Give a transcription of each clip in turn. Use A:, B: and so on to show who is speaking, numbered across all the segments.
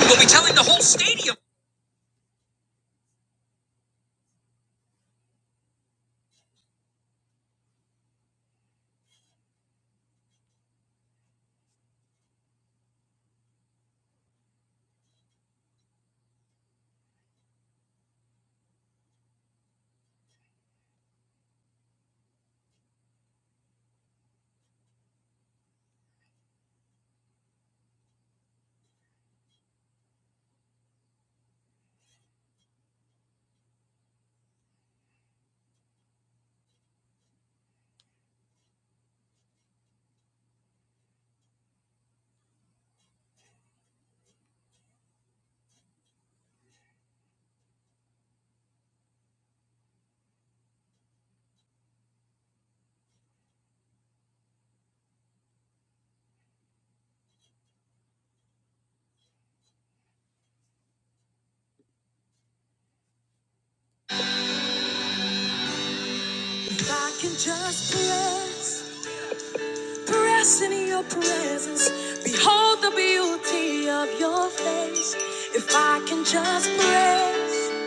A: We'll be telling the whole stadium. If I can just press, press in your presence, behold the beauty of your face. If I can just press,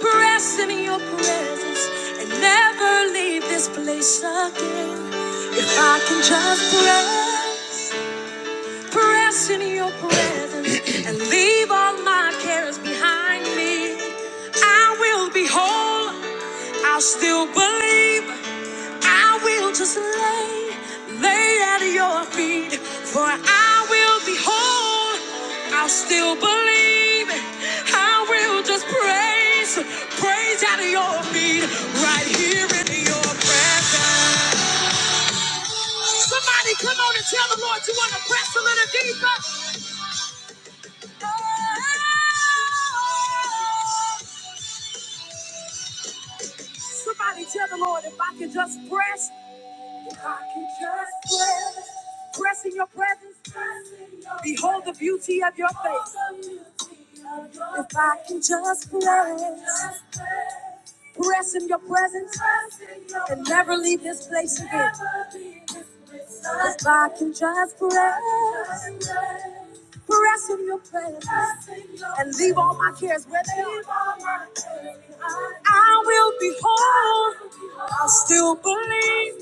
A: press in your presence, and never leave this place again. If I can just press. Press in your presence and leave all my cares behind me. I will be whole. I'll still believe. I will just lay, lay at your feet. For I will be whole. I'll still believe. I will just praise, praise at your feet, right here in your presence. Somebody come on and tell the Lord you want to press a little deeper. Somebody tell the Lord if I can just press. If I can just press. Press in your presence. Press in your Behold the beauty of your face. If I can just press. Rest in your presence and never leave this place again. If I can just rest, rest in your presence and leave all my cares with you, I will be whole. I'll still believe.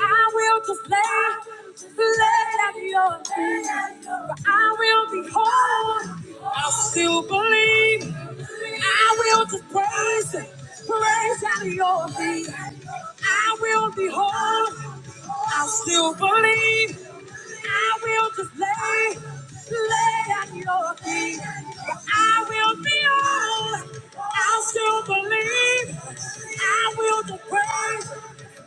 A: I will just lay, lay at your feet. I will be whole. I'll still believe. I will just praise him, praise out of your feet. I will be whole. I still believe. I will just lay, lay at your feet. I will be whole. I still believe. I will just praise,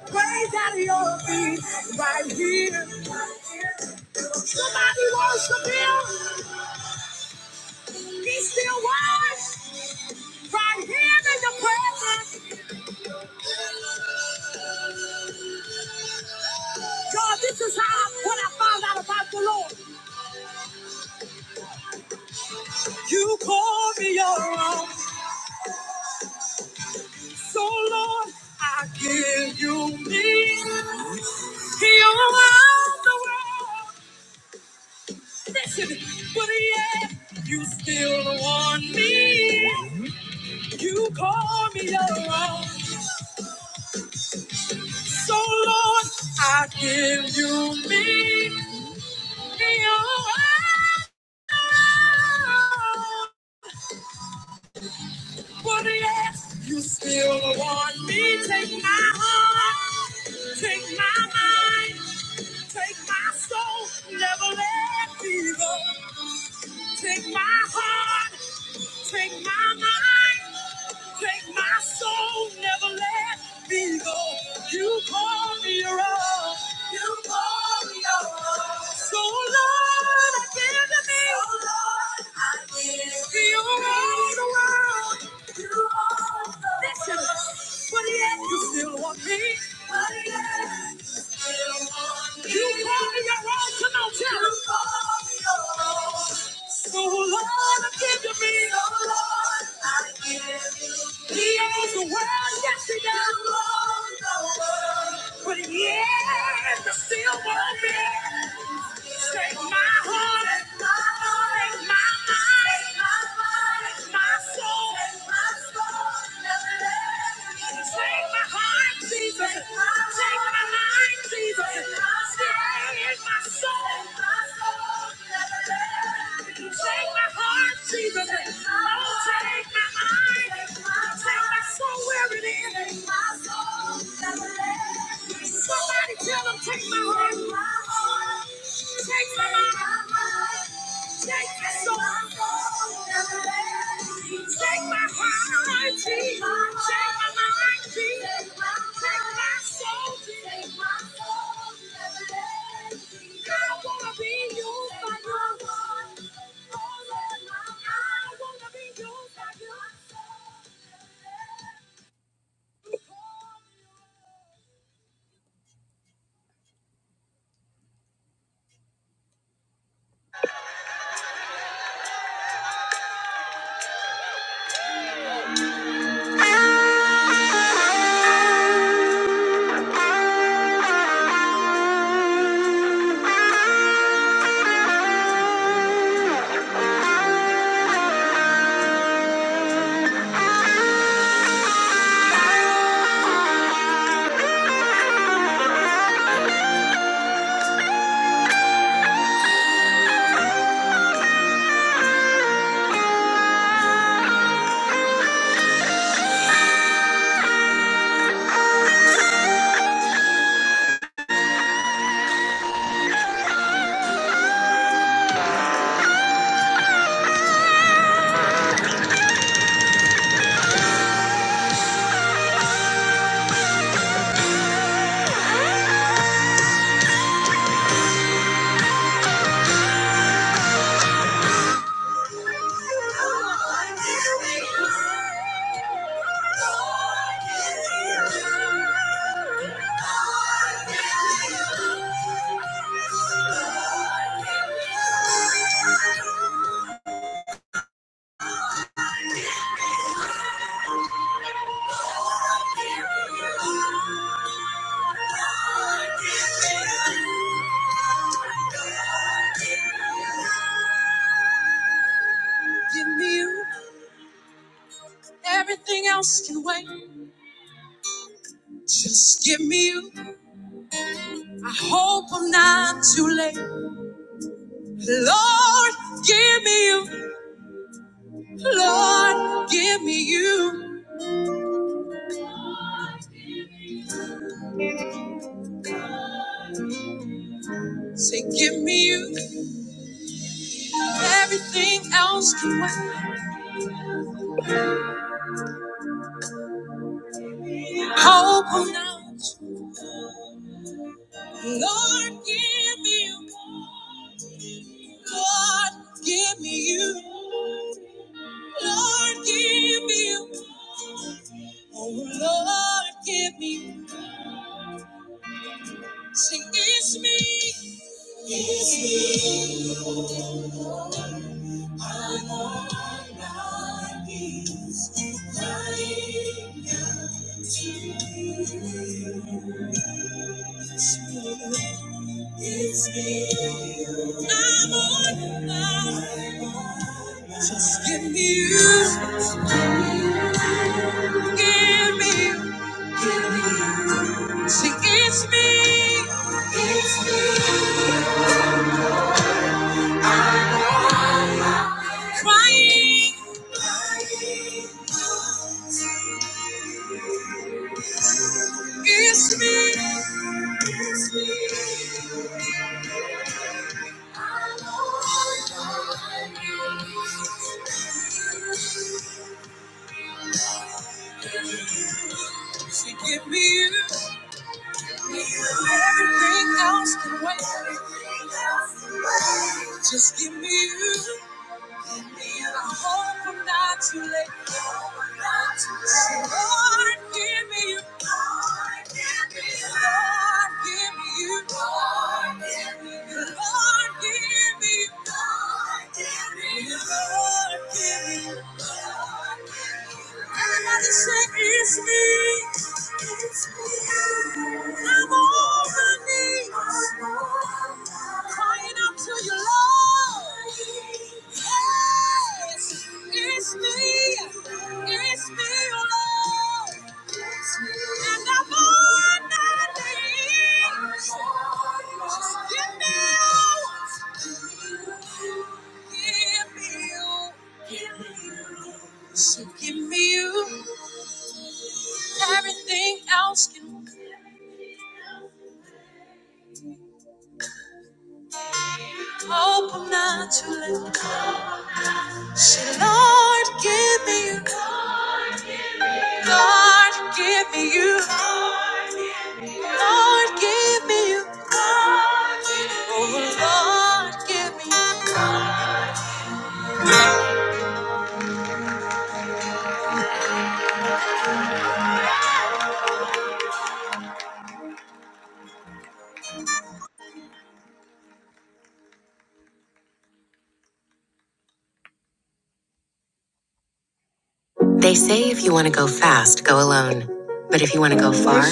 A: praise out of your feet right here. Somebody worship him. He's still worthy. Right here in the presence. God, this is how what I found out about the Lord. You call me your own. So Lord, I give you me. Heal around the world. Listen, but yet you still want me. You call me your own. So Lord, I give you me. Heal around the world. nobody else. You still want me. Take my heart, take my mind, take my soul. Never let me go. Take my heart, take my mind. Take my soul, never let me go. You call me your own. You call me your own. So Lord, I give to thee. So Lord, I give to you. You own the world. You own the Listen, world. Listen, but yet you still want me. But yet you call me your own, come on, tell him. So, Lord, give to me, oh Lord, I give you. He owns the world, yes, he does. You own the world. But yeah, the still won't be. Take my heart, take my mind, take my mind, my soul. Jesus, oh, take my mind, take my soul where it is. Somebody tell them, take my heart. Take my mind. Take my soul. Take my heart. Take my mind. Take my soul. Take my soul. I wanna be used by you. I wanna be used by you. Give me you. Everything else can wait. Just give me you. I hope I'm not too late. Lord, give me you. Lord, give me you. Say, give me you. Everything else can wait. Hope I'm not. Lord, give me you. Lord, give me you. Lord, give me you. Oh, Lord, give me you. Say, it's me. It's me. My Lord, my peace, lying down to you. It's me. I'm on fire. Just give me you. Give me you. Give me you. See, it's me. It's me. Crying. It's me. It's me. She give me you. Everything else can wait. Just give me you. I hope I'm not too late. So Lord, give me you. Lord, give me you. Lord, give me you. Lord, give me you. Lord, give me you. Lord, give me you. Everybody say it's me. It's me. I'm on my knees. Crying out to you, Lord. Yes. It's me. It's me, oh Lord. And I'm on my knees. Just give me you. Give me you. Give me you. They say if you want to go fast, go alone. But if you want to go far,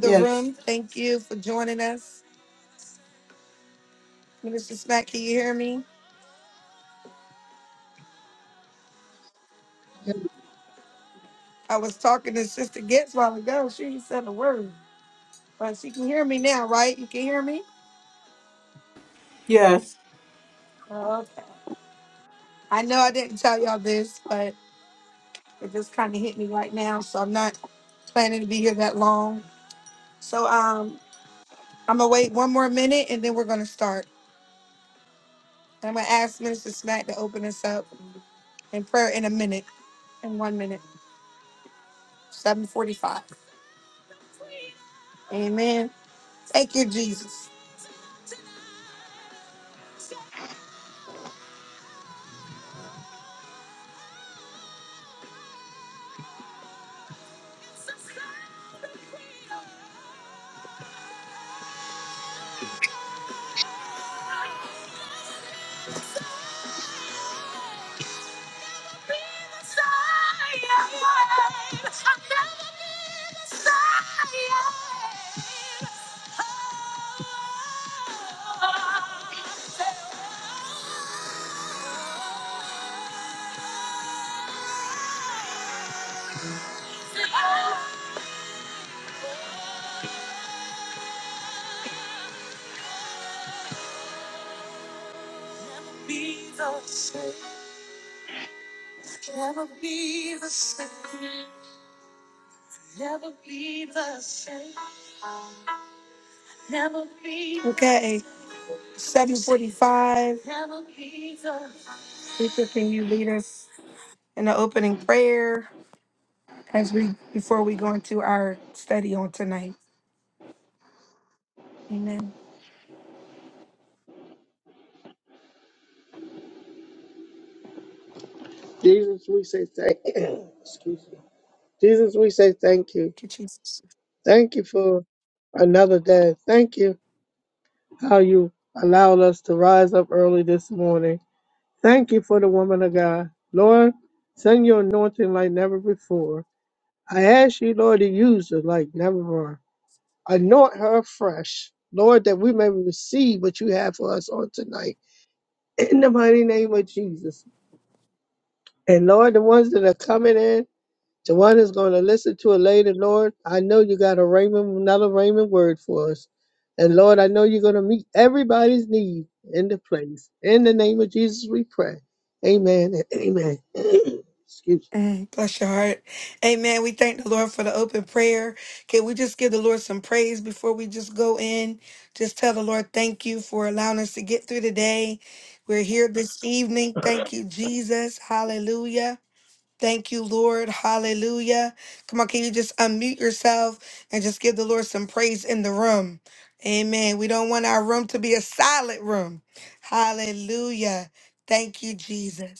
B: Yes. Yes.
C: Jesus, we say thank Excuse me. Jesus, we say thank you. Thank you for another day. Thank you how you allowed us to rise up early this morning. Thank you for the woman of God. Lord, send your anointing like never before. I ask you, Lord, to use her like never before. Anoint her afresh, Lord, that we may receive what you have for us on tonight. In the mighty name of Jesus. And Lord, the ones that are coming in, The one who's going to listen to it later, Lord, I know you got a Raymond, another Raymond word for us. And Lord, I know you're going to meet everybody's need in the place. In the name of Jesus, we pray. Amen and amen. Excuse me.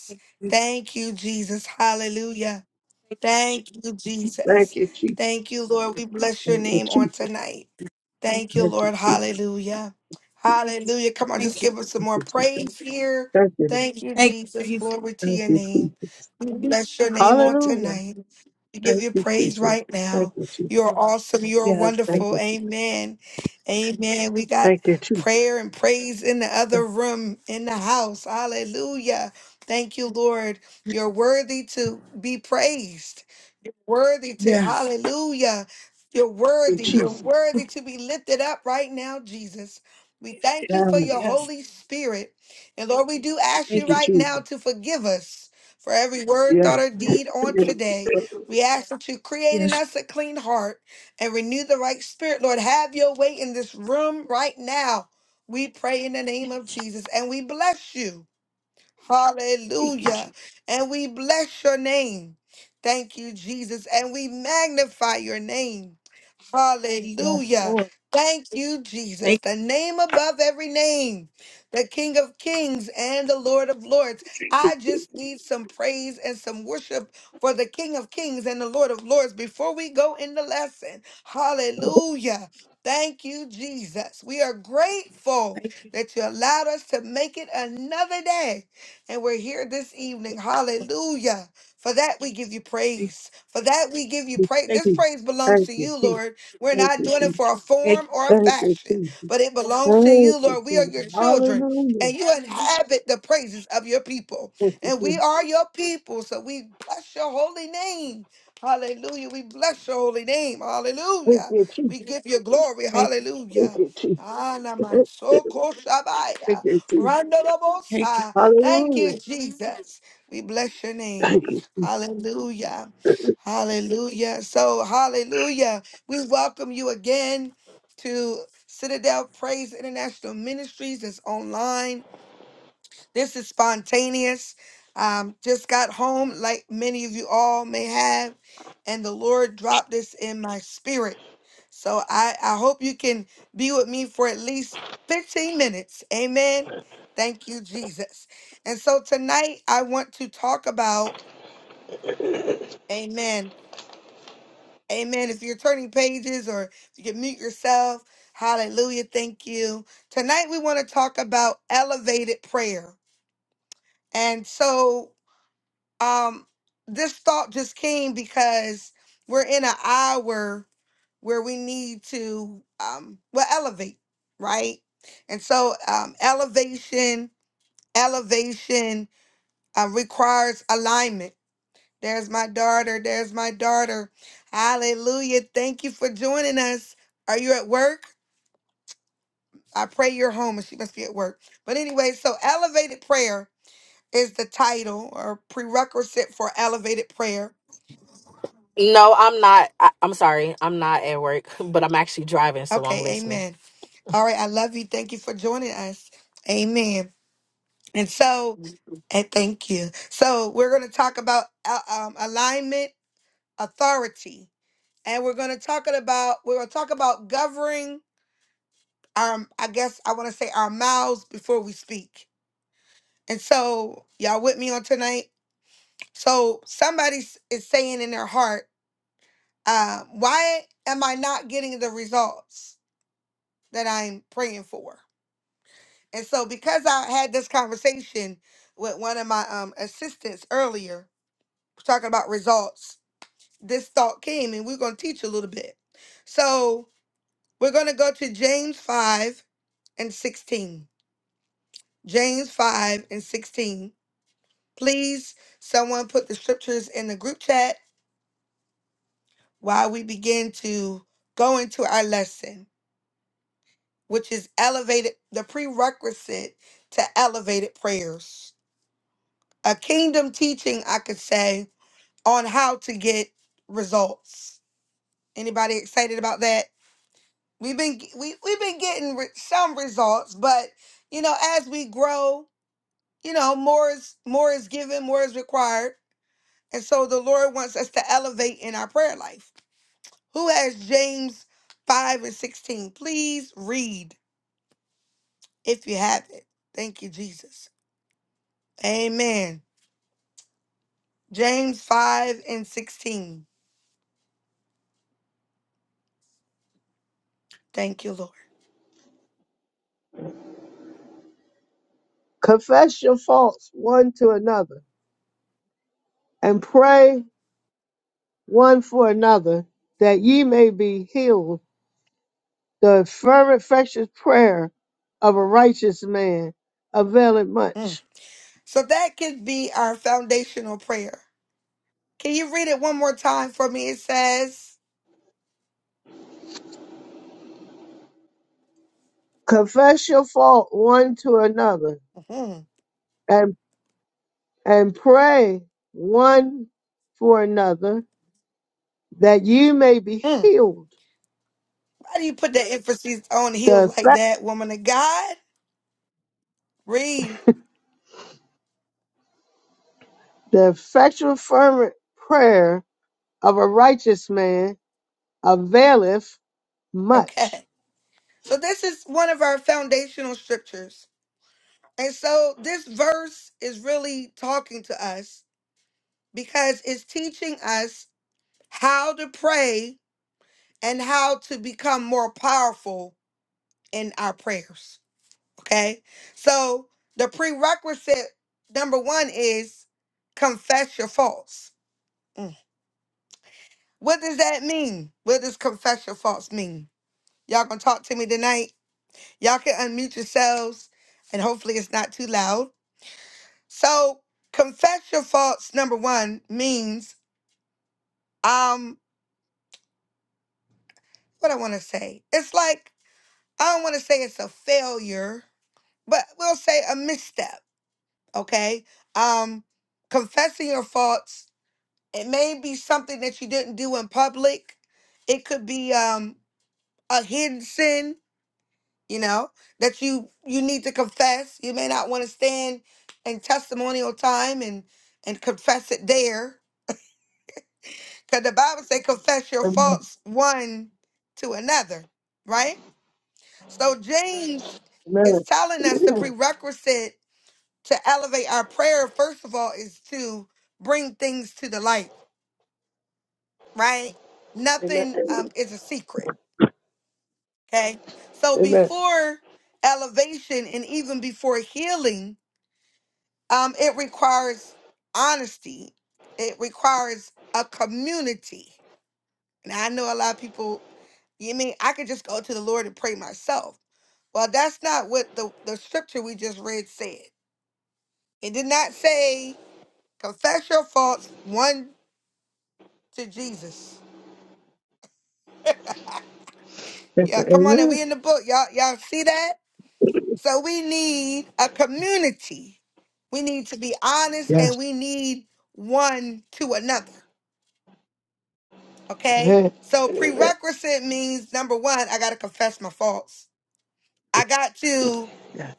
B: Thank you.
C: Thank you, Jesus. Thank you, Jesus. Thank
B: Thank you. Thank you.
C: you, Jesus. Thank you, Jesus. Thank you, Lord.
B: Thank you, Jesus.
C: Thank you, Jesus.
B: Thank you.
C: Hallelujah. Thank you, Jesus. Thank you, Jesus.
B: Jesus. Yes.
C: Thank
B: Thank you.
C: you, Jesus. Thank you, Jesus.
B: Yes.
C: Thank you, Jesus. Yeah.
B: Yes.
C: Thank
B: Thank
C: you,
B: you.
C: Jesus. Yeah.
B: Yes.
C: Thank
B: Yes. Yes. Thank you, Jesus. Yes, Lord. Thank
C: you, Jesus.
B: you. Thank you. Yes, Lord. Thank you.
C: Peace,
B: Thank
C: peace.
B: you.
C: Thank you, Jesus. Thank you, Jesus.
B: Thank you.
C: Thank you, Jesus. Thank you, Jesus. Hallelujah. Thank you, Jesus. Thank you, Jesus.
B: Thank you.
C: Thank you, Jesus. Thank you, peace.
B: Thank you.
C: Hallelujah.
B: Thank you,
C: Thank you.
B: Jesus.
D: No, I'm not. I, I'm sorry. I'm not at work, but I'm actually driving, so I'm listening.
C: Confess your faults one to another and pray one for another that ye may be healed. The fervent, precious prayer of a righteous man availeth much. Confess your fault one to another and. and pray one for another that you may be healed. The, effect- the effectual fervent prayer of a righteous man availeth much. Amen. Amen. Amen. Amen. Amen. Yes. Amen. Amen. Yes.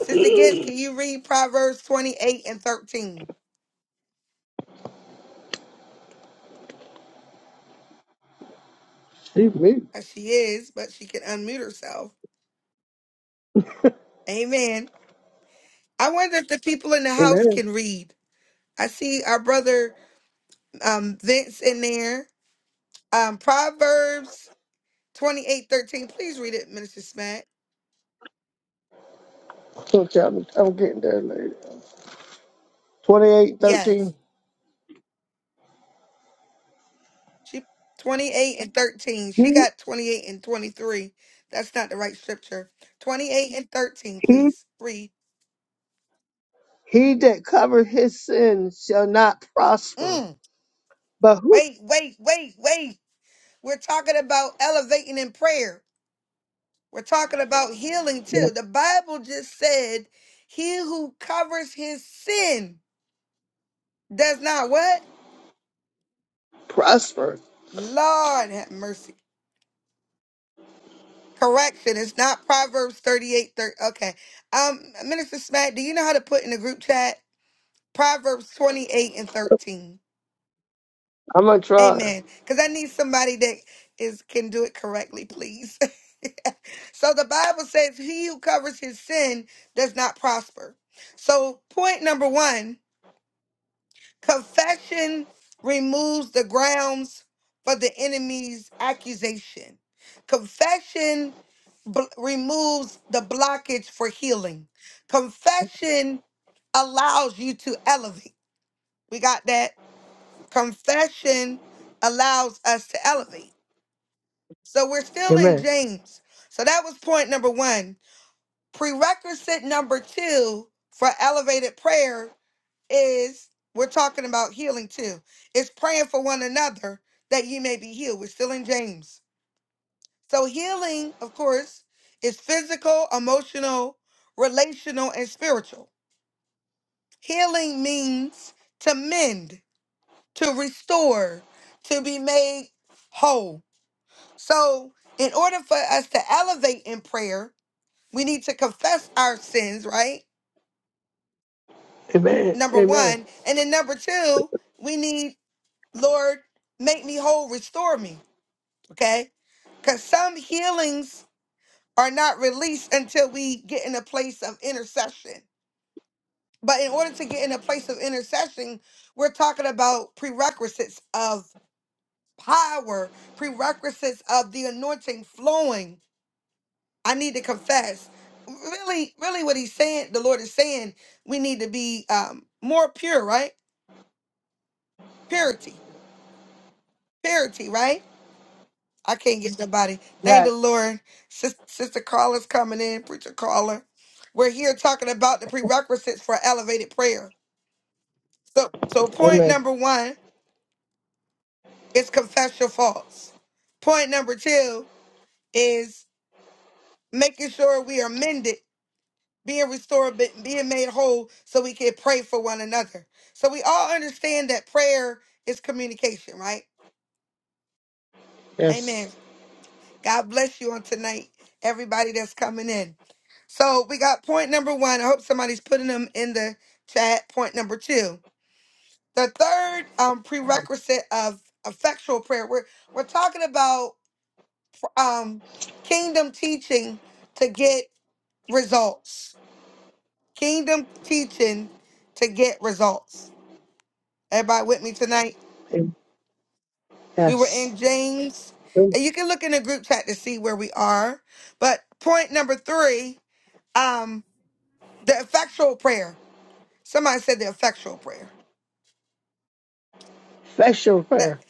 C: Excuse me. Amen. Don't tell me. I'm getting there later. 28, 13. He, he, he that cover his sin shall not prosper, but who Yeah. Prosper. I'm going to try. Amen. Amen. Amen. Yes. Amen. Yes. Um, Amen. Yes. Amen. Special prayer.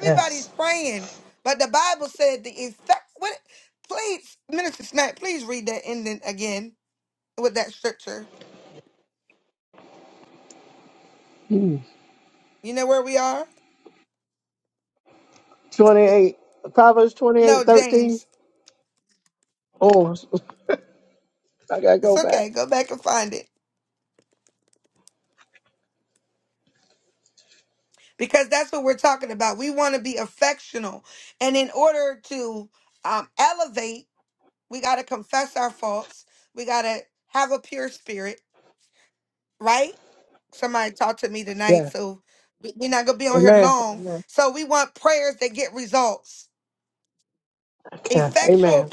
C: Yes. Hmm. 28. Proverbs twenty-eight thirteen. Oh, I got to go back. Yeah. Amen. Amen. Okay. Amen.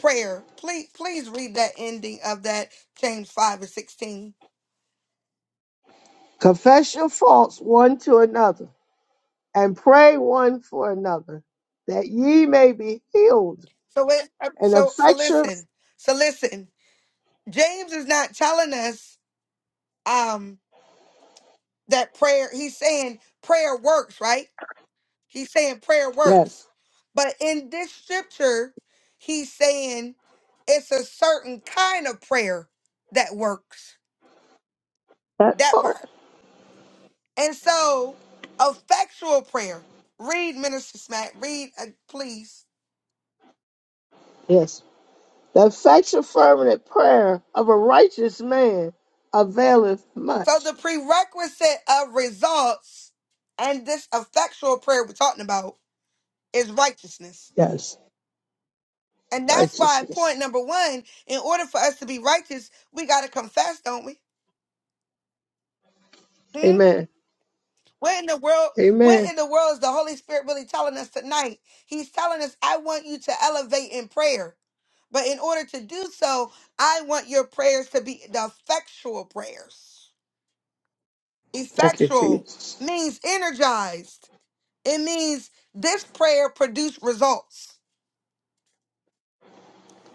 C: Confess your faults one to another and pray one for another that ye may be healed. And affection, yes, that part, yes, The effectual fervent prayer of a righteous man availeth much. Yes, righteousness. Amen. Amen. Thank you, Jesus.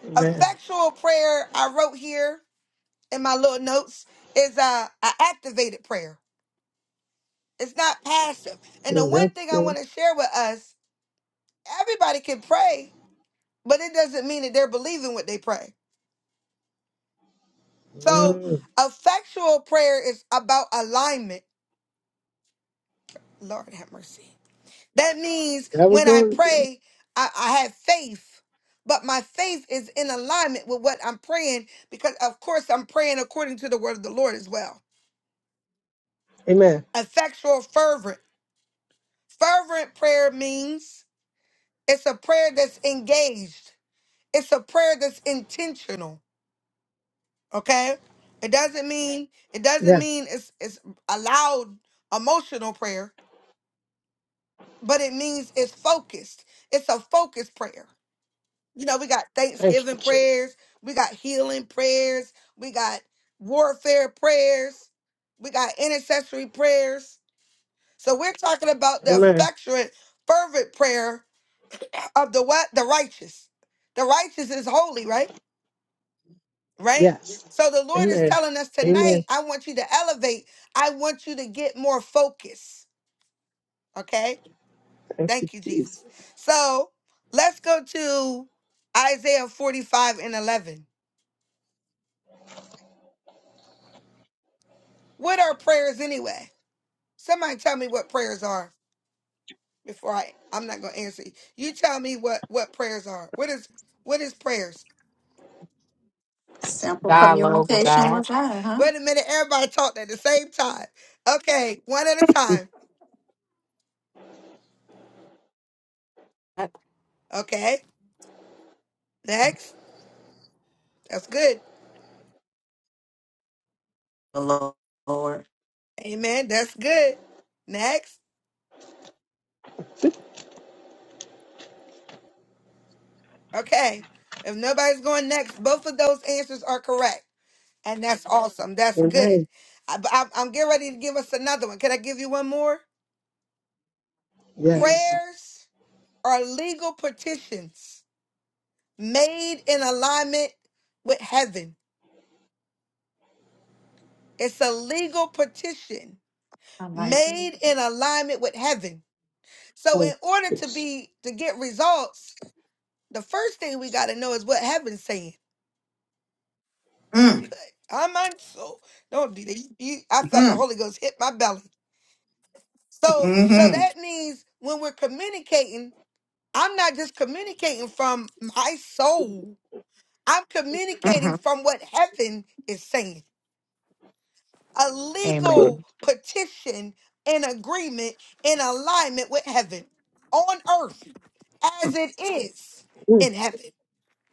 C: Amen. Mm, That's good. Mm, that was good. Amen. Yeah. Thank you, Jesus. Amen. Yes. Amen. Amen. Thank you, Jesus.
E: Simple
D: Dialogue with
E: communication with
D: God.
E: God, huh? The Lo- Lord.
C: Amen.
E: Amen.
C: Yes.
E: I like it.
C: Thank you, Jesus.
E: Mm, mm, mm-hmm, mm-hmm.
C: Good.
E: Amen.
C: Mm,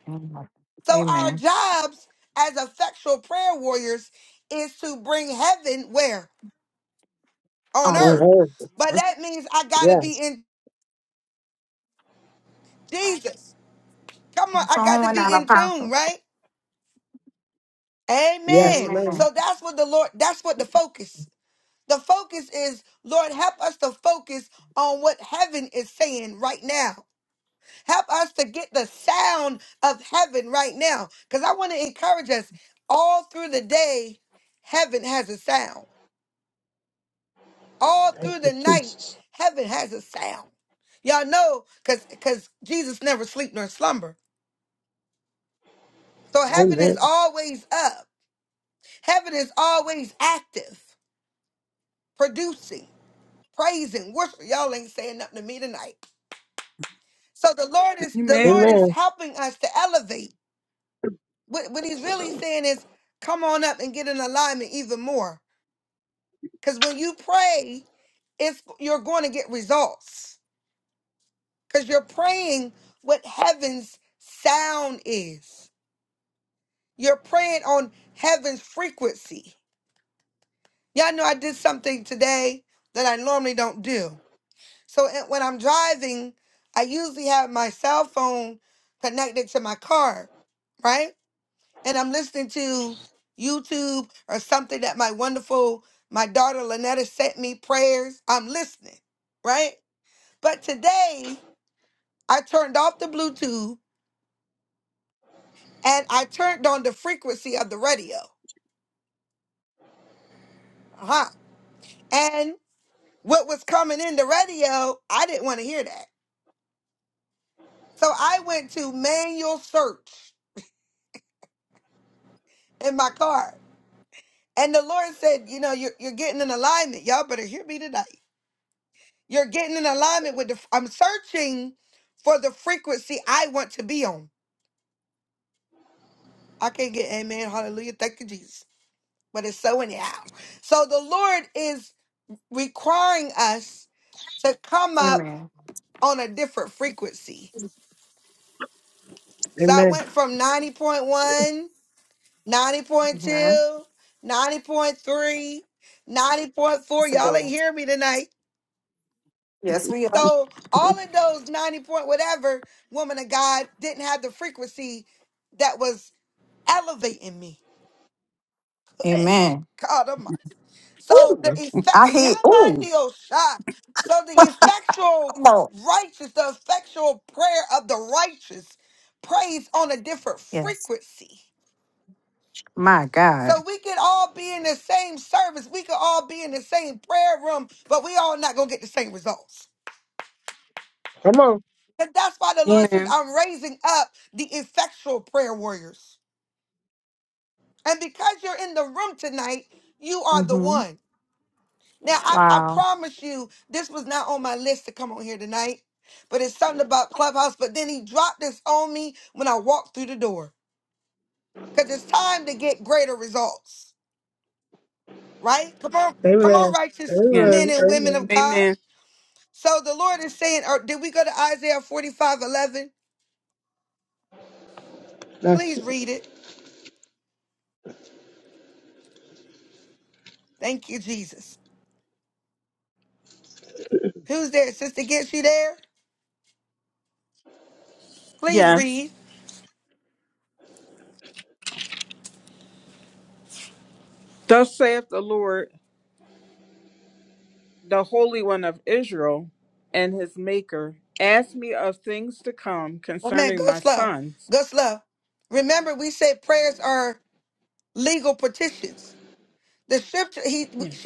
E: Amen. Amen. On
C: On
E: earth.
C: earth. Yes.
E: Your Phone went out, Apostle.
B: Yes.
C: Yes, man.
E: Amen.
C: Thank you, Jesus. Amen.
B: Amen.
C: Amen.
E: Amen.
C: Amen.
E: Yeah, that's a good one. Yes, we are. Amen. Ooh, I hear. Ooh, come on. Yes. My God.
C: Come on.
B: Amen.
E: Mm-hmm. Wow.
C: Amen.
B: Yes.
C: Amen. Amen.
B: Amen.
C: That's
B: Yes. Thus saith the Lord. the Holy One of Israel and his Maker, ask me of things to come concerning my sons. Yes.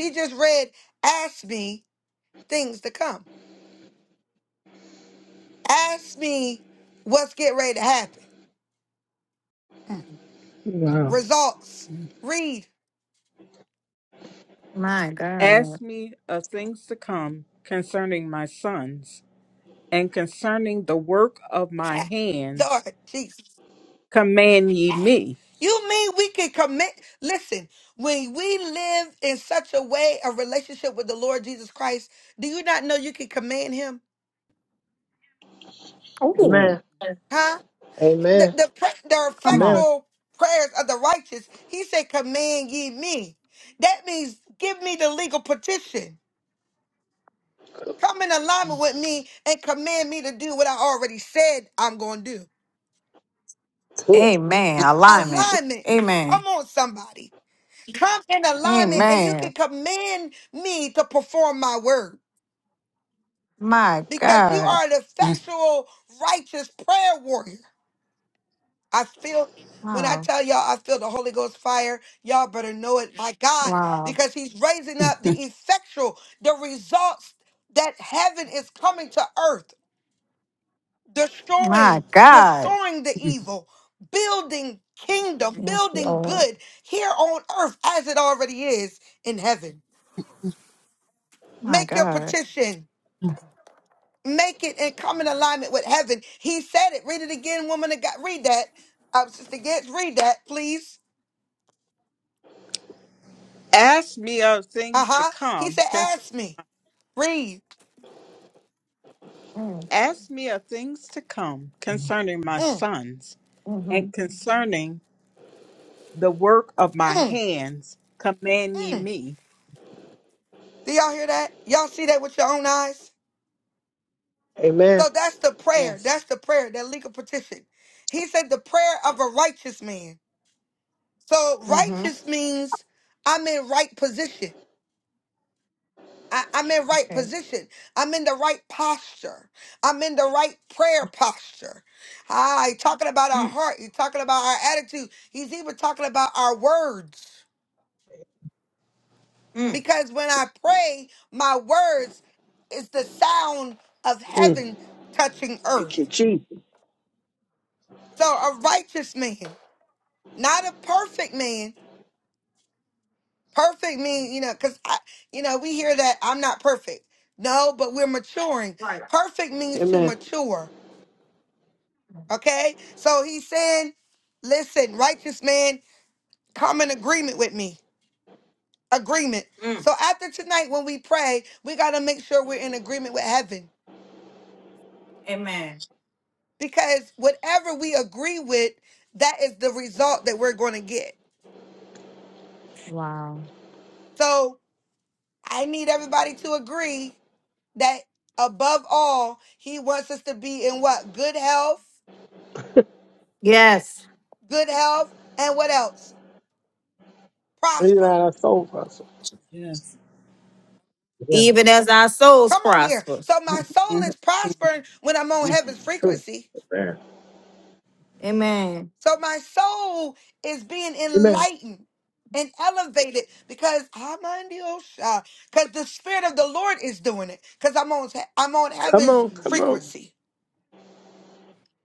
C: wow.
B: Mhm.
E: My God.
B: Ask me of things to come concerning my sons and concerning the work of my hands. Command ye me.
E: Ooh,
C: Amen. Amen.
E: come on.
C: Amen. Good.
E: Amen. Alignment. Amen. Amen. My God. Wow. Wow. My God. Yes, Lord. My God.
B: Ask me of things to come. Concern,
E: Mm.
B: ask me of things to come concerning my sons
E: hmm
B: and concerning the work of my hands command ye me.
C: Amen.
B: Yes.
E: hmm Okay. Mm. Mm.
C: Mm. Thank you, Jesus.
E: Right.
C: Amen.
E: Mm. Amen. Wow. Yes.
C: Breathe out our soul, Pastor.
B: Yes.
C: Yeah.
E: Even as our souls prosper.
B: Amen.
C: True. Amen.
E: Amen.
C: Amen. Come on. Come on.
E: Amen.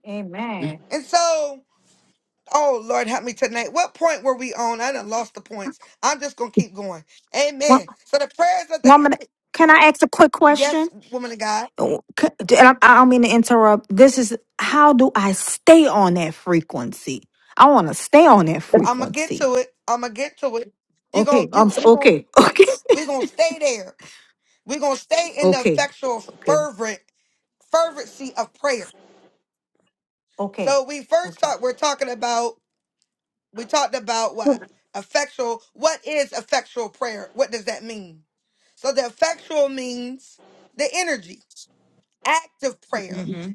E: Amen. Wo- Woman, can I ask a quick question? and I, I don't mean to interrupt. This is how do I stay on that frequency? I want to stay on that frequency. Okay, I'm s- okay, okay, okay, okay, okay, okay. Mm-hmm.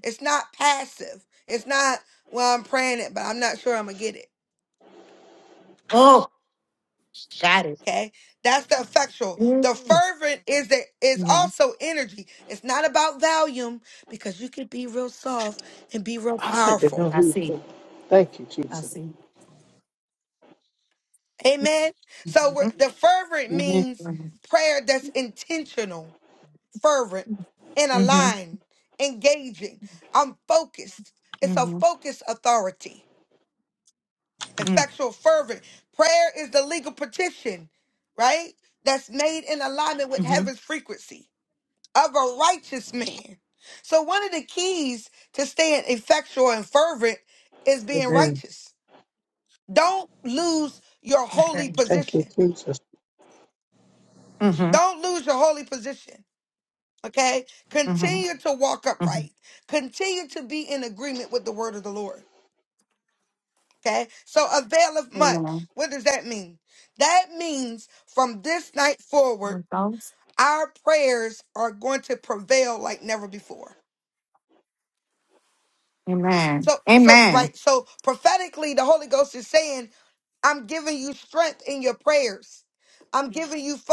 E: Oh, got it. Mm-hmm. Mm-hmm.
C: I like to know
E: I
C: who's
E: see.
C: doing. Thank you,
E: I
C: Jesus.
E: see. Mm-hmm. Mm-hmm. Mm-hmm. Mm-hmm. Mm-hmm.
C: Amen.
E: Okay.
C: Thank you, Jesus.
E: Mm-hmm. Mm-hmm. Mm-hmm. Amen. With those? Amen. Amen.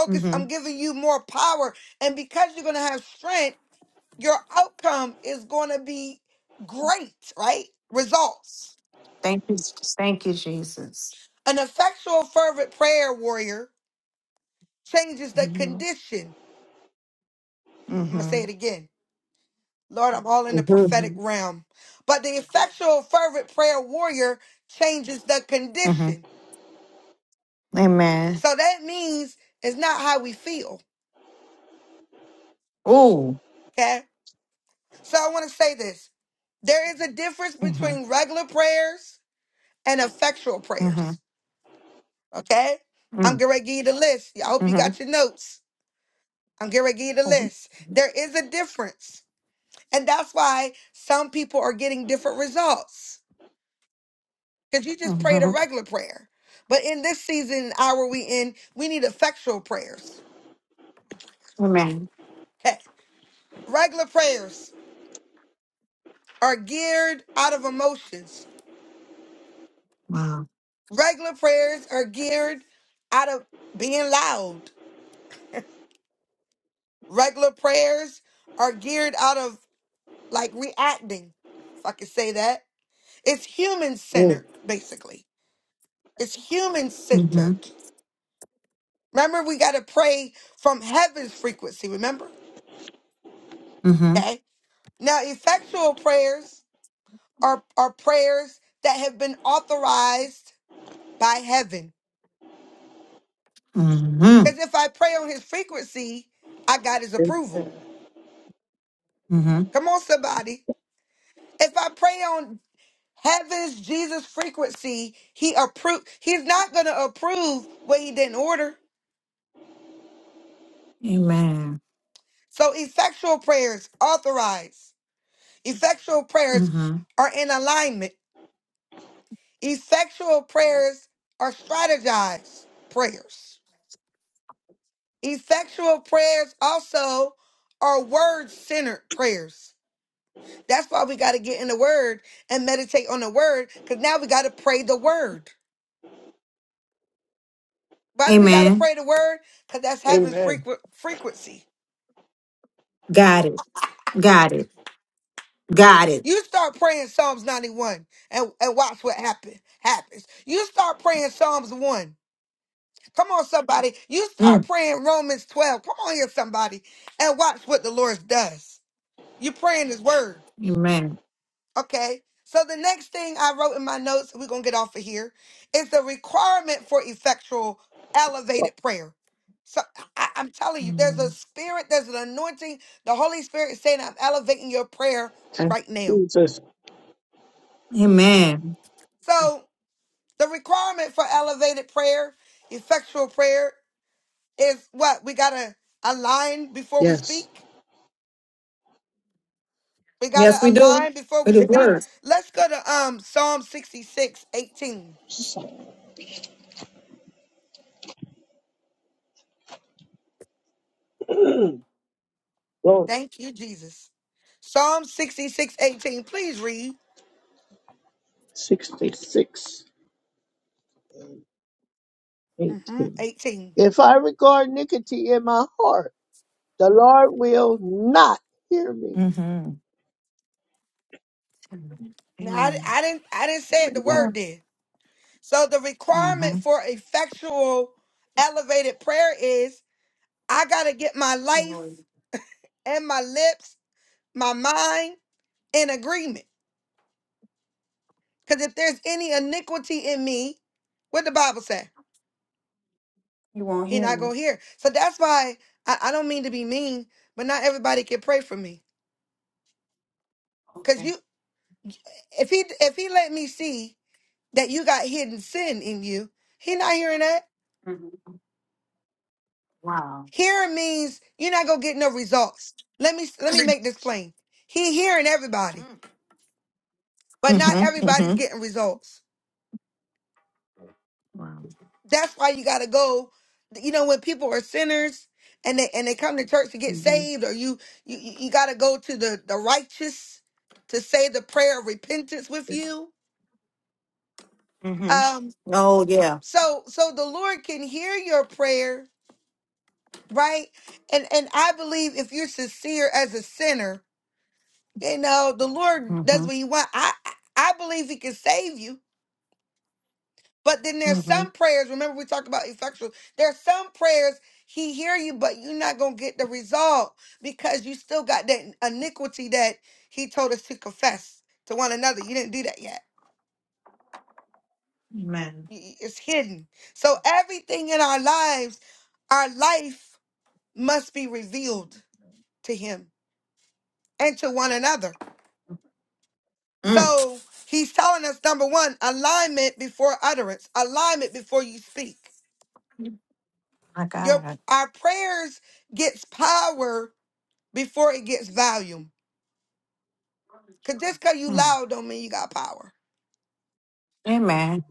E: Mm-hmm. Thank you. Thank you, Jesus. Mm-hmm. Mm-hmm.
C: Mm-hmm.
E: Mm-hmm. hmm Amen. Ooh. Mm-hmm. Mm-hmm. Mm-hmm. Mm-hmm. Amen. Wow.
C: Mm.
E: Mm-hmm. Mm-hmm. Mm-hmm.
C: Amen.
E: Mm-hmm. Amen. Mm-hmm. Amen.
C: Amen.
E: Got it. Got it. Got it. Mm. Amen.
C: Oh,
E: Amen.
C: Thank you, Jesus.
E: Amen.
C: Yes.
E: Yes, we do. With the word.
C: Lord, 66. 18. If I regard iniquity in my heart, the Lord will not hear me.
E: Mm-hmm. Amen. Mm-hmm. You won't hear me. Okay. hmm Wow. Mm. Mm-hmm. Mm-hmm. Wow. hmm Mm-hmm. Oh yeah. Mm-hmm. Mm-hmm. Amen. Mm. My God. Mm. Amen.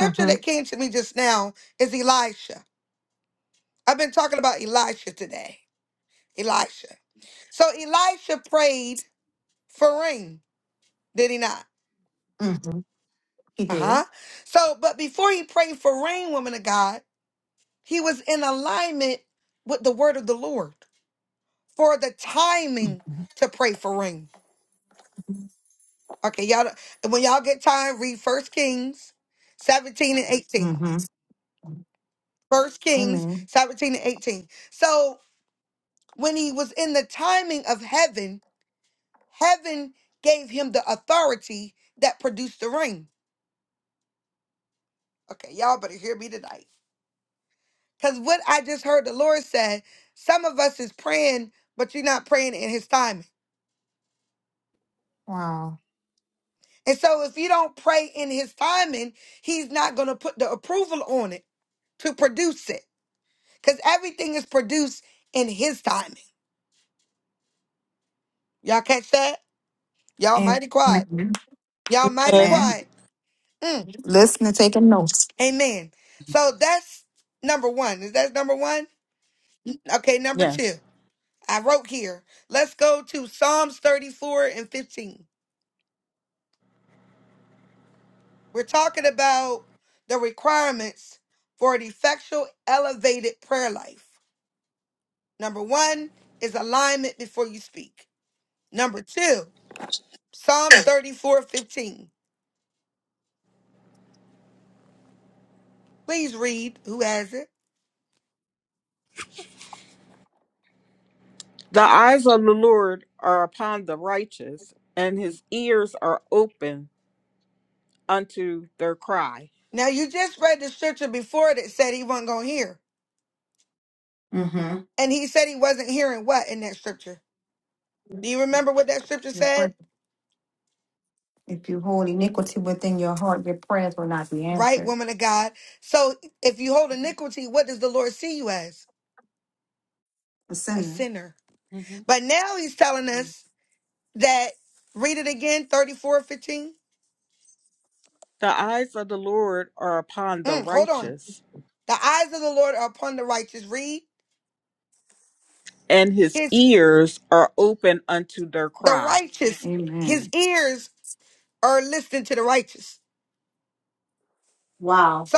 E: Mm-hmm. Mm-hmm. He did. Mm-hmm. Amen. Wow. Amen. Amen. Listen and taking notes.
B: Yes. The eyes of the Lord are upon the righteous, and his ears are open unto their cry.
E: Mm-hmm. Your prayer. If you hold iniquity within your heart, your prayers will not be answered. The sinner.
B: Mhm. The eyes of the Lord are upon the righteous, and his ears are open unto their cry.
E: Amen. Wow.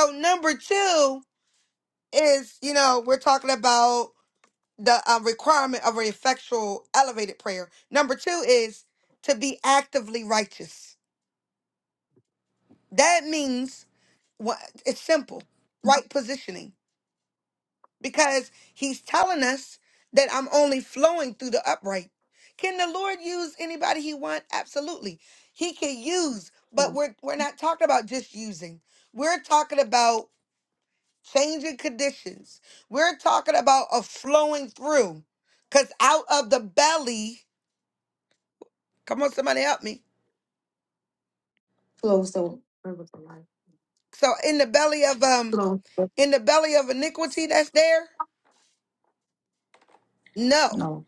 E: Yeah. Close the river of life. Close. the- No.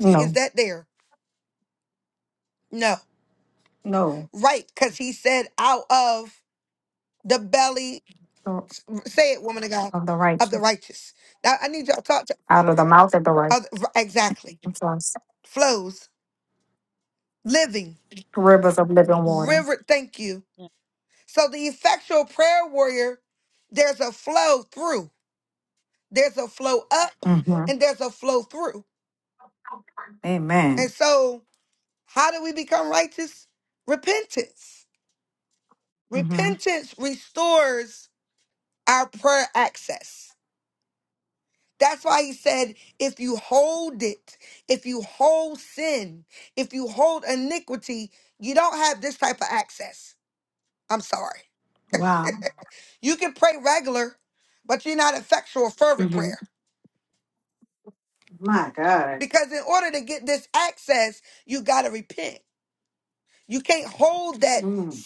E: No. No. of of the righteous, out of the mouth of the righteous, I'm sorry, rivers of living water. hmm Amen. hmm Wow. hmm My God. Mm.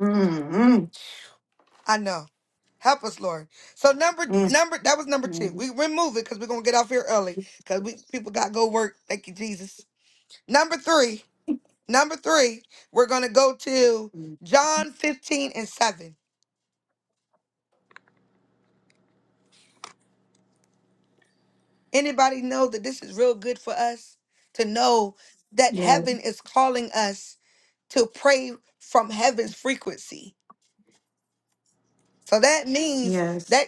E: Mm, mm, mm, mm. Yes. Yes.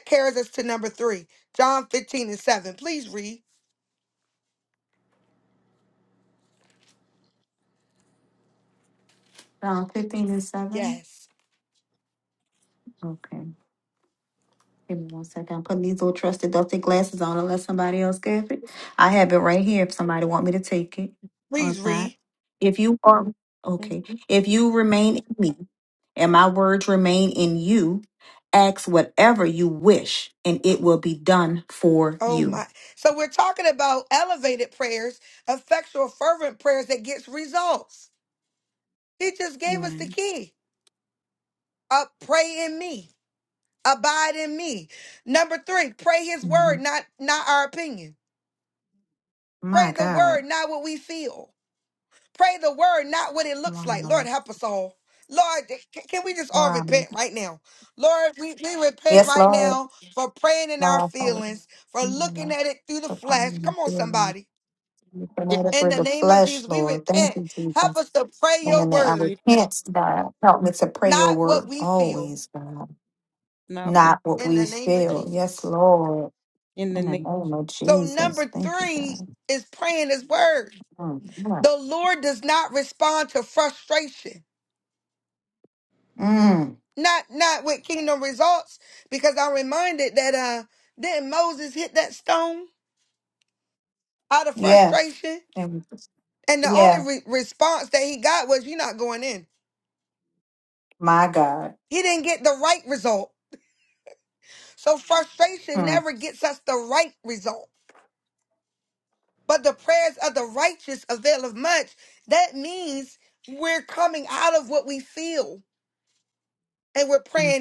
E: Psalm 15 and 7. Okay. Give me one second. I'm putting these little trusted dusty glasses on unless somebody else gives it. I have it right here if somebody want me to take it or if not. If you are okay. If you remain in me and my words remain in you, ask whatever you wish, and it will be done for you. Amen. Mhm. My God. Wow. Wow. Yes, Lord. Lord, Father. Lord. Put on my feelings. You
B: Yes.
E: promoted through the flesh, Lord. Thank you, Jesus. And then I
B: Feed us
E: repent, God. Help me to pray your word always, God.
B: not what
E: Not
B: we
E: what we
B: feed.
E: feel. Yes, Lord.
B: In the
E: In
B: name
E: the name
B: of Jesus.
E: of Jesus. Thank you, God. Mm-hmm. Mm, yeah. And yeah. My God. Mm. hmm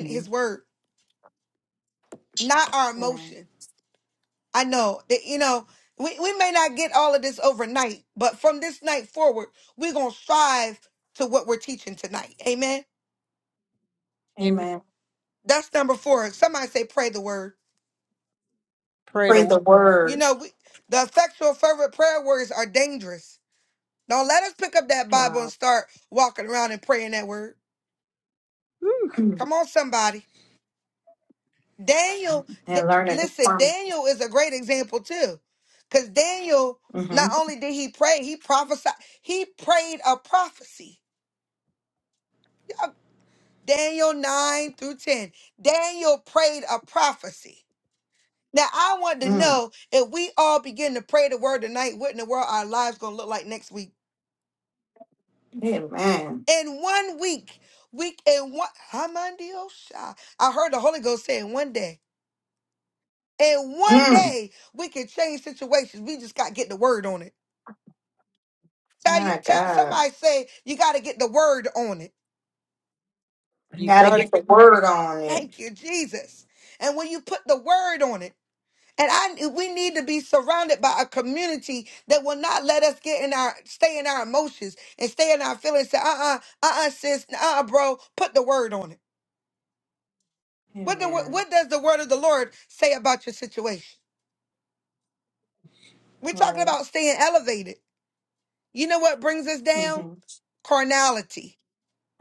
E: Amen.
B: Amen.
E: Amen.
B: Pray
E: Pray
B: the word.
E: the word. Wow.
B: Whew.
E: Mm. And learn a new from. hmm Mm. Amen. Mm. My God. I
B: You
E: got to
B: got to
E: get the
B: get the
E: word
B: word
E: on
B: on
E: it.
B: it.
E: Amen. Right. Mm-hmm.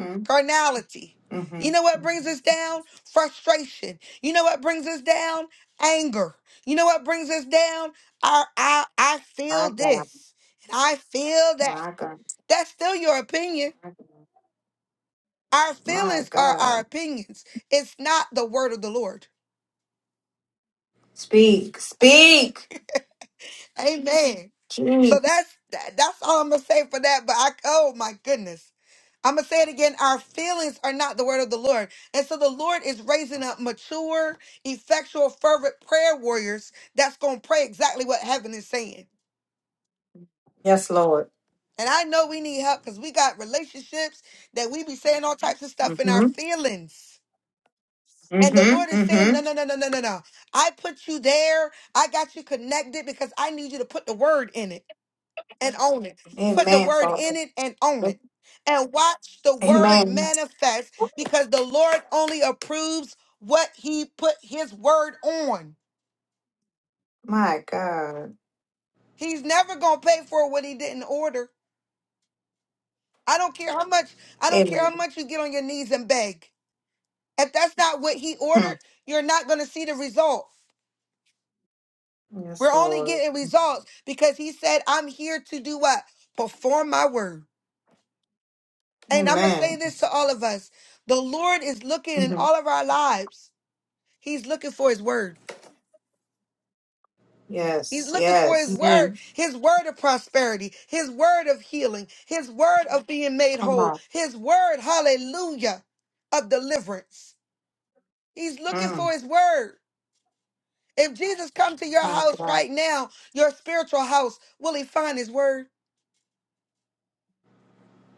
E: Mm-hmm. Mm-hmm. My God. My God. My God. My God. Speak. Speak. Gee. Yes, Lord. Mm-hmm. Mm-hmm. mm-hmm. Amen, Father. Amen. My God. Amen. Mm. Yes, Lord. Amen.
B: Yes.
E: hmm Yes, yes.
B: Amen.
E: Come on. Mm. My God.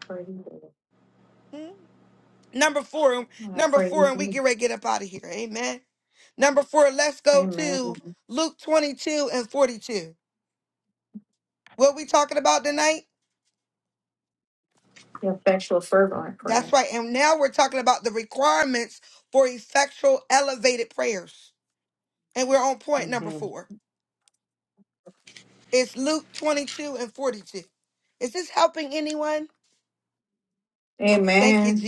E: Pray you. I pray you. Amen. The effectual fervent prayer. hmm Amen.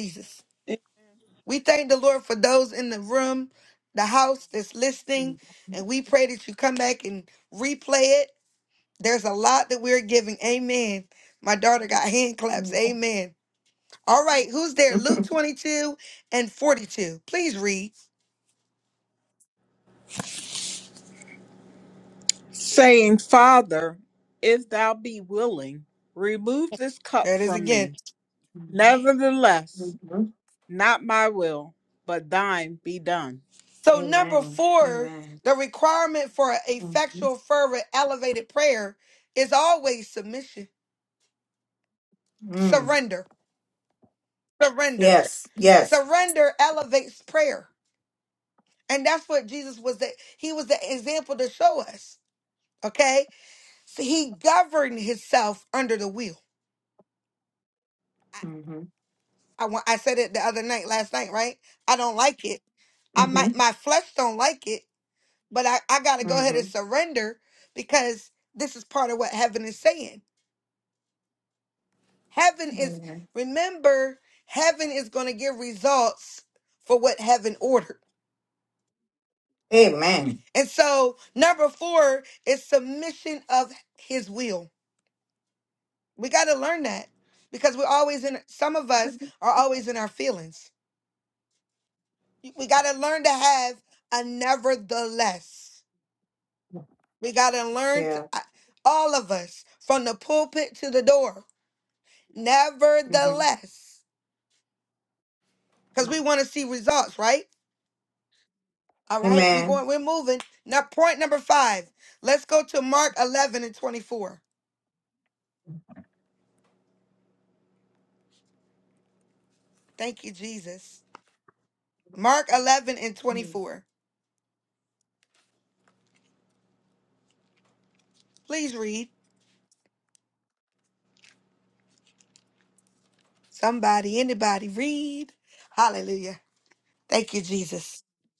E: Mhm.
B: Saying, Father, if thou be willing, remove this cup from me. Nevertheless,
E: Mhm.
B: not my will, but thine be done.
E: Amen. Amen. hmm Mm. Yes, yes. hmm hmm hmm Amen. Amen. Yeah. Mhm. Amen. Mhm.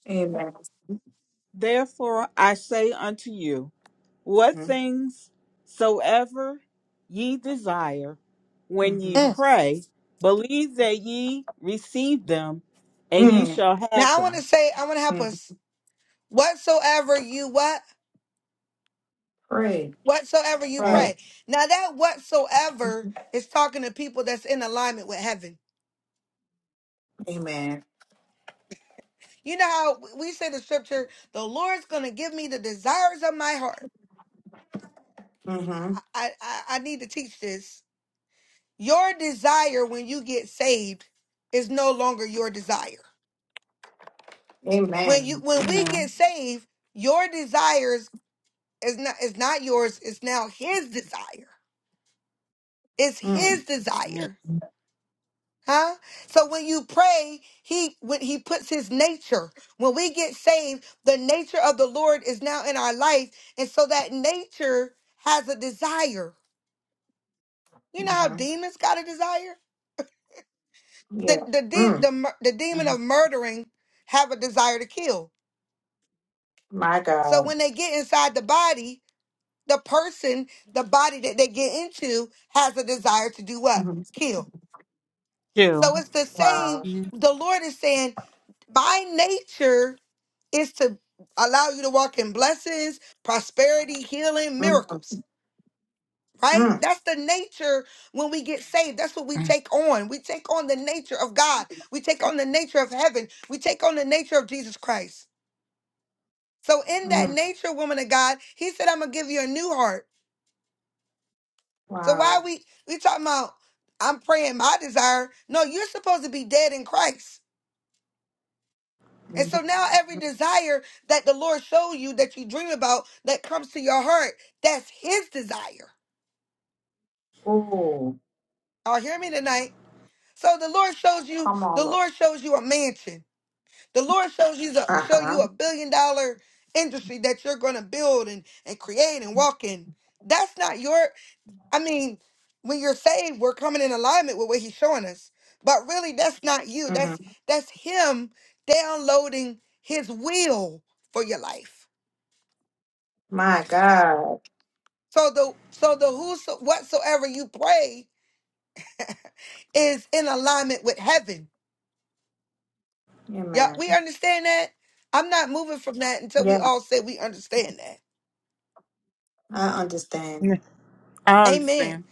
E: Amen.
B: Therefore I say unto you, what
E: Mhm.
B: things soever ye desire, when ye
E: Mhm.
B: pray, believe that ye receive them, and ye
E: Mm.
B: shall have them.
E: Mhm. Pray.
B: Pray.
E: Act. Amen. Mm-hmm. Amen.
B: Yeah.
E: Mm.
B: Yeah.
E: Mhm. Yeah. Mm.
B: Mhm.
E: My God. Mhm.
B: Chill.
E: Wow.
B: Mhm.
E: Mm-hmm. Mm. Mm. Wow. Mm-hmm. Mm-hmm. Oh. Come on, Lord. Uh-huh. Mhm. My God. Amen. Yeah, I
B: Yeah.
E: understand.
B: I understand.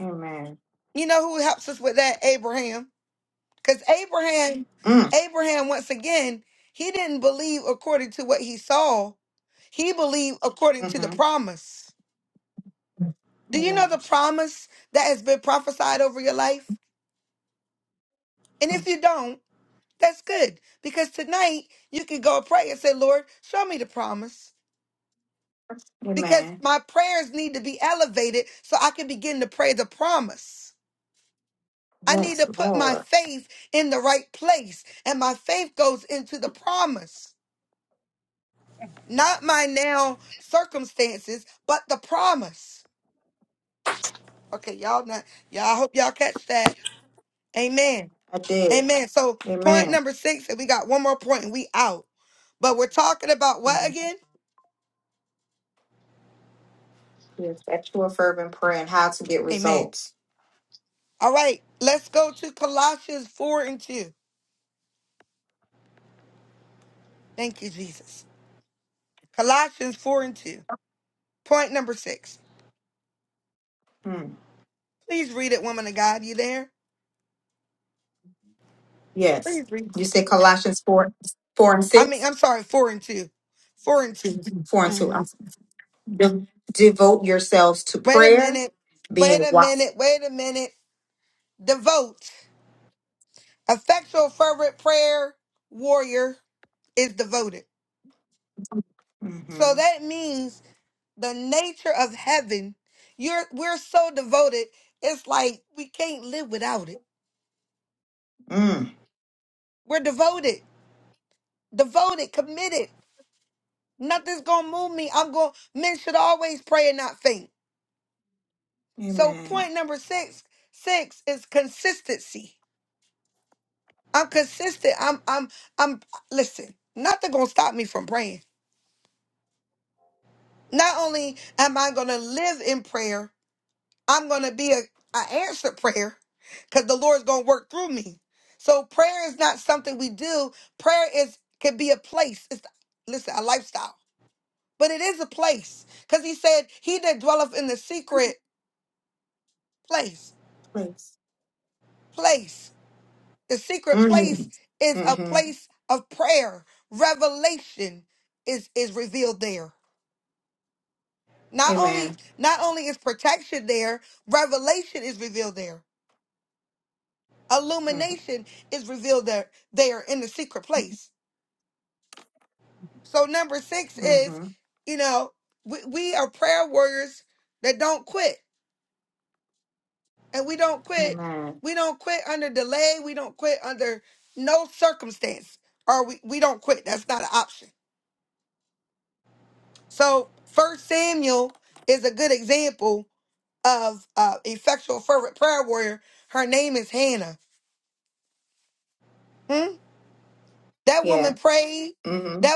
E: Amen. Mm. Mm-hmm. Amen. Amen. Yes, Lord. I did. Amen. Mhm. Yes, actual fervent prayer and how to get results. Hmm. Yes. You say Colossians 4, 4 and 6? 4 and 2. I'm sorry. De- devote yourselves to prayer, being watched. hmm Mm. Amen. Please. hmm hmm Amen. hmm hmm Amen. Yeah. hmm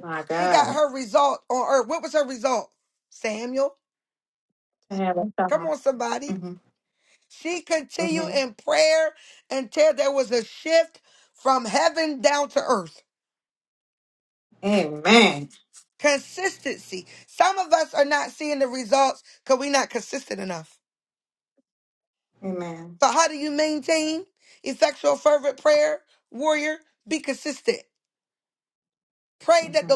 E: My God. To have a summer. hmm hmm Amen. Amen. Mm-hmm.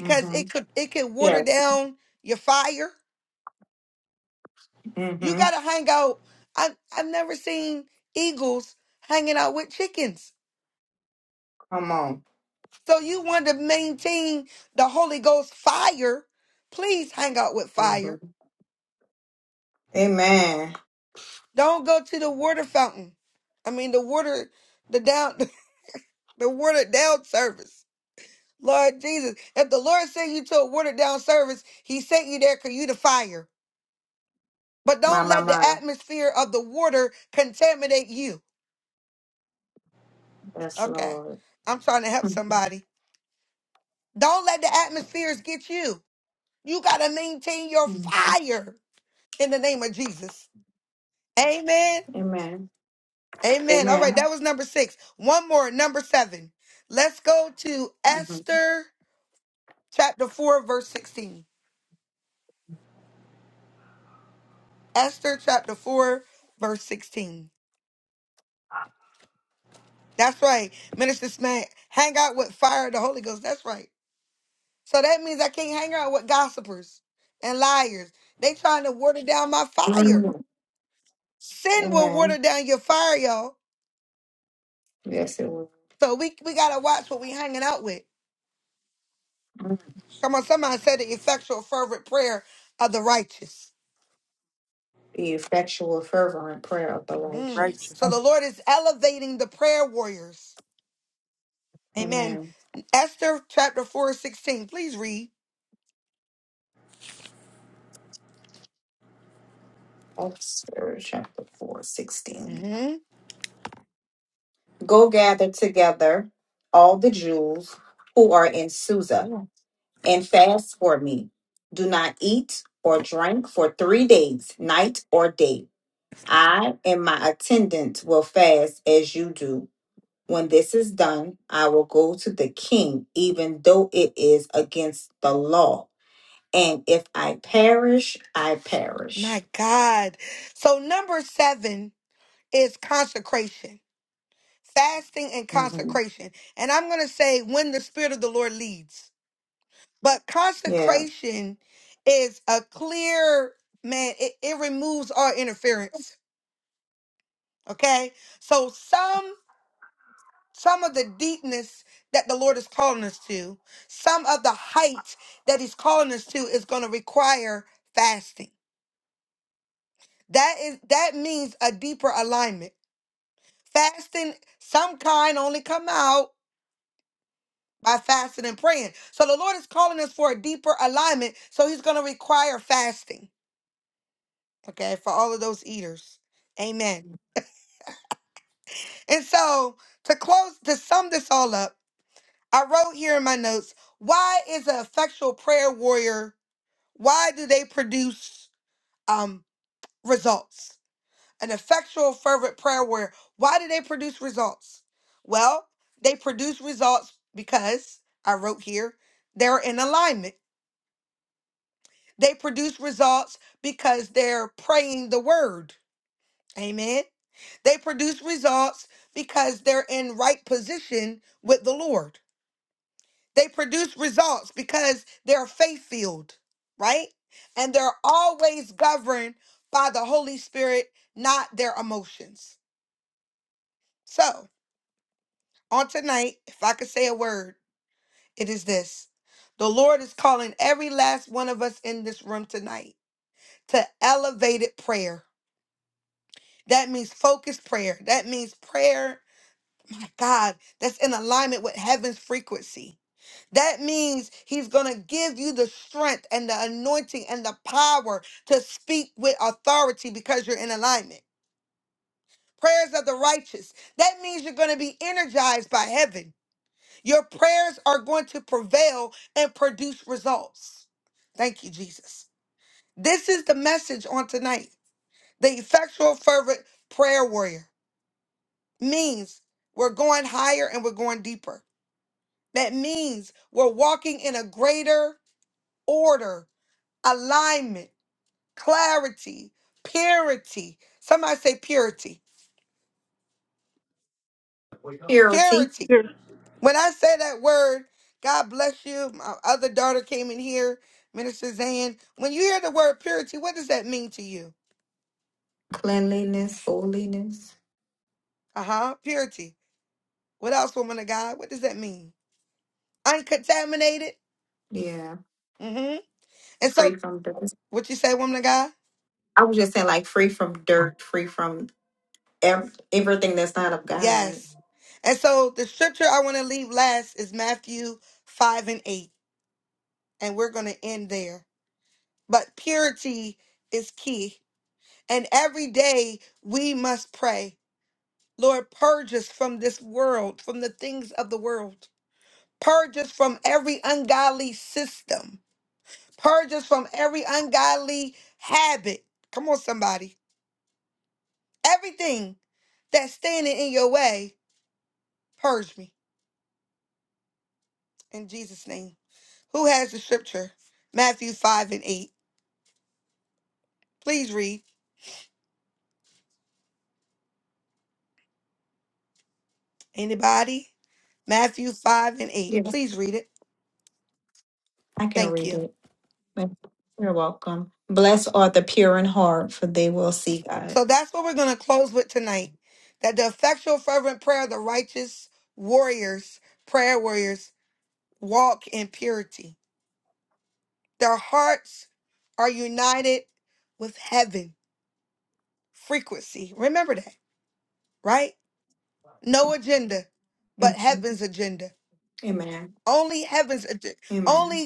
E: Mm-hmm. Yes. Mm-hmm. Come on. Mm-hmm. Amen. My, my, my. Yes, Lord. Mm-hmm. Amen. Amen. Mm-hmm. Mm. Amen. Yes, it will. Mm. The effectual, fervent prayer of the righteous.
B: Righteous.
E: Amen. Esther chapter 4 16. Go gather together all the Jews who are in Susa and fast for me. Do not eat or drink for three days, night or day. I and my attendants will fast as you do. When this is done, I will go to the king, even though it is against the law. And if I perish, I perish. hmm Yeah. Purity,
B: Sure.
E: cleanliness, holiness. Yeah. Free from dirt. I was just saying, like, free from dirt, free from ev- everything that's not of God. Yes, I can read it. You're welcome. Blessed are the pure in heart, for they will see God. Mhm. Amen. Amen.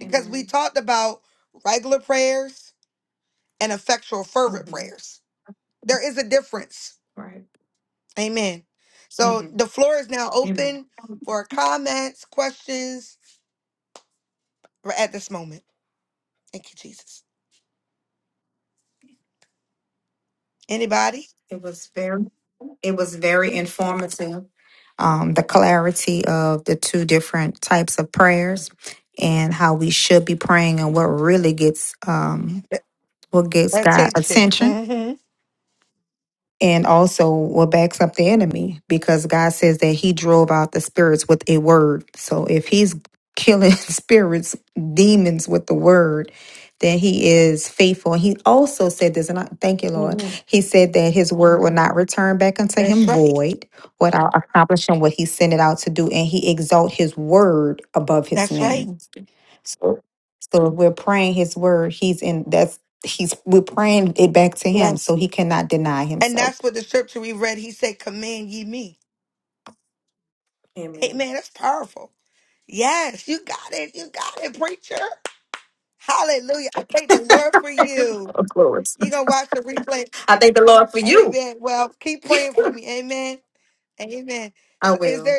E: Amen. hmm Right. hmm Amen. It was very. It was very informative. Um, the clarity of the two different types of prayers and how we should be praying and what really gets um, what gets God attention and also what backs up the enemy because God says that he drove out the spirits with a word. So if he's killing spirits, demons with the word, then he is faithful. And he also said this, and I thank you, Lord. He said that his word will not return back unto him void without accomplishing what he sent it out to do, and he exalt his word above his name. So so if we're praying his word, he's in that's he's we're praying it back to him so he cannot deny himself. Amen. Of course. I thank the Lord for you. I will.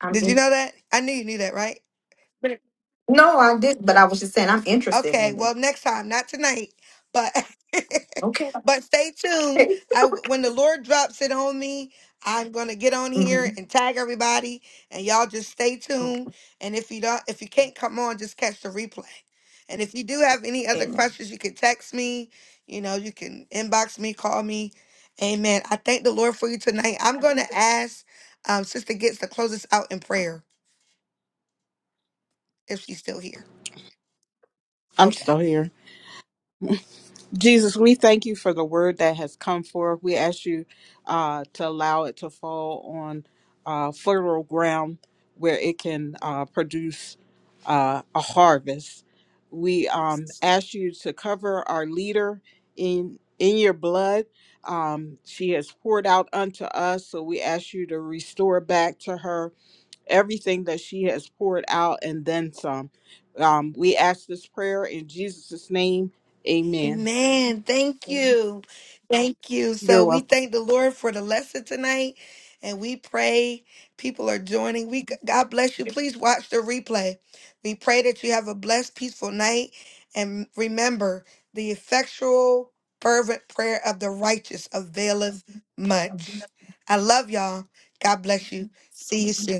E: I mean, no, I did, but I was just saying I'm interested in it. Okay. Okay. hmm Okay. Amen.
B: I'm still here. Jesus, we thank you for the word that has come forth. We ask you uh, to allow it to fall on uh, fertile ground where it can uh, produce uh, a harvest. We um, ask you to cover our leader in in your blood. Um, she has poured out unto us, so we ask you to restore back to her everything that she has poured out and then some. Um, we ask this prayer in Jesus' name. Amen. You're welcome.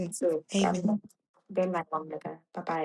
E: So, God bless. Good night, woman. of God. Bye bye.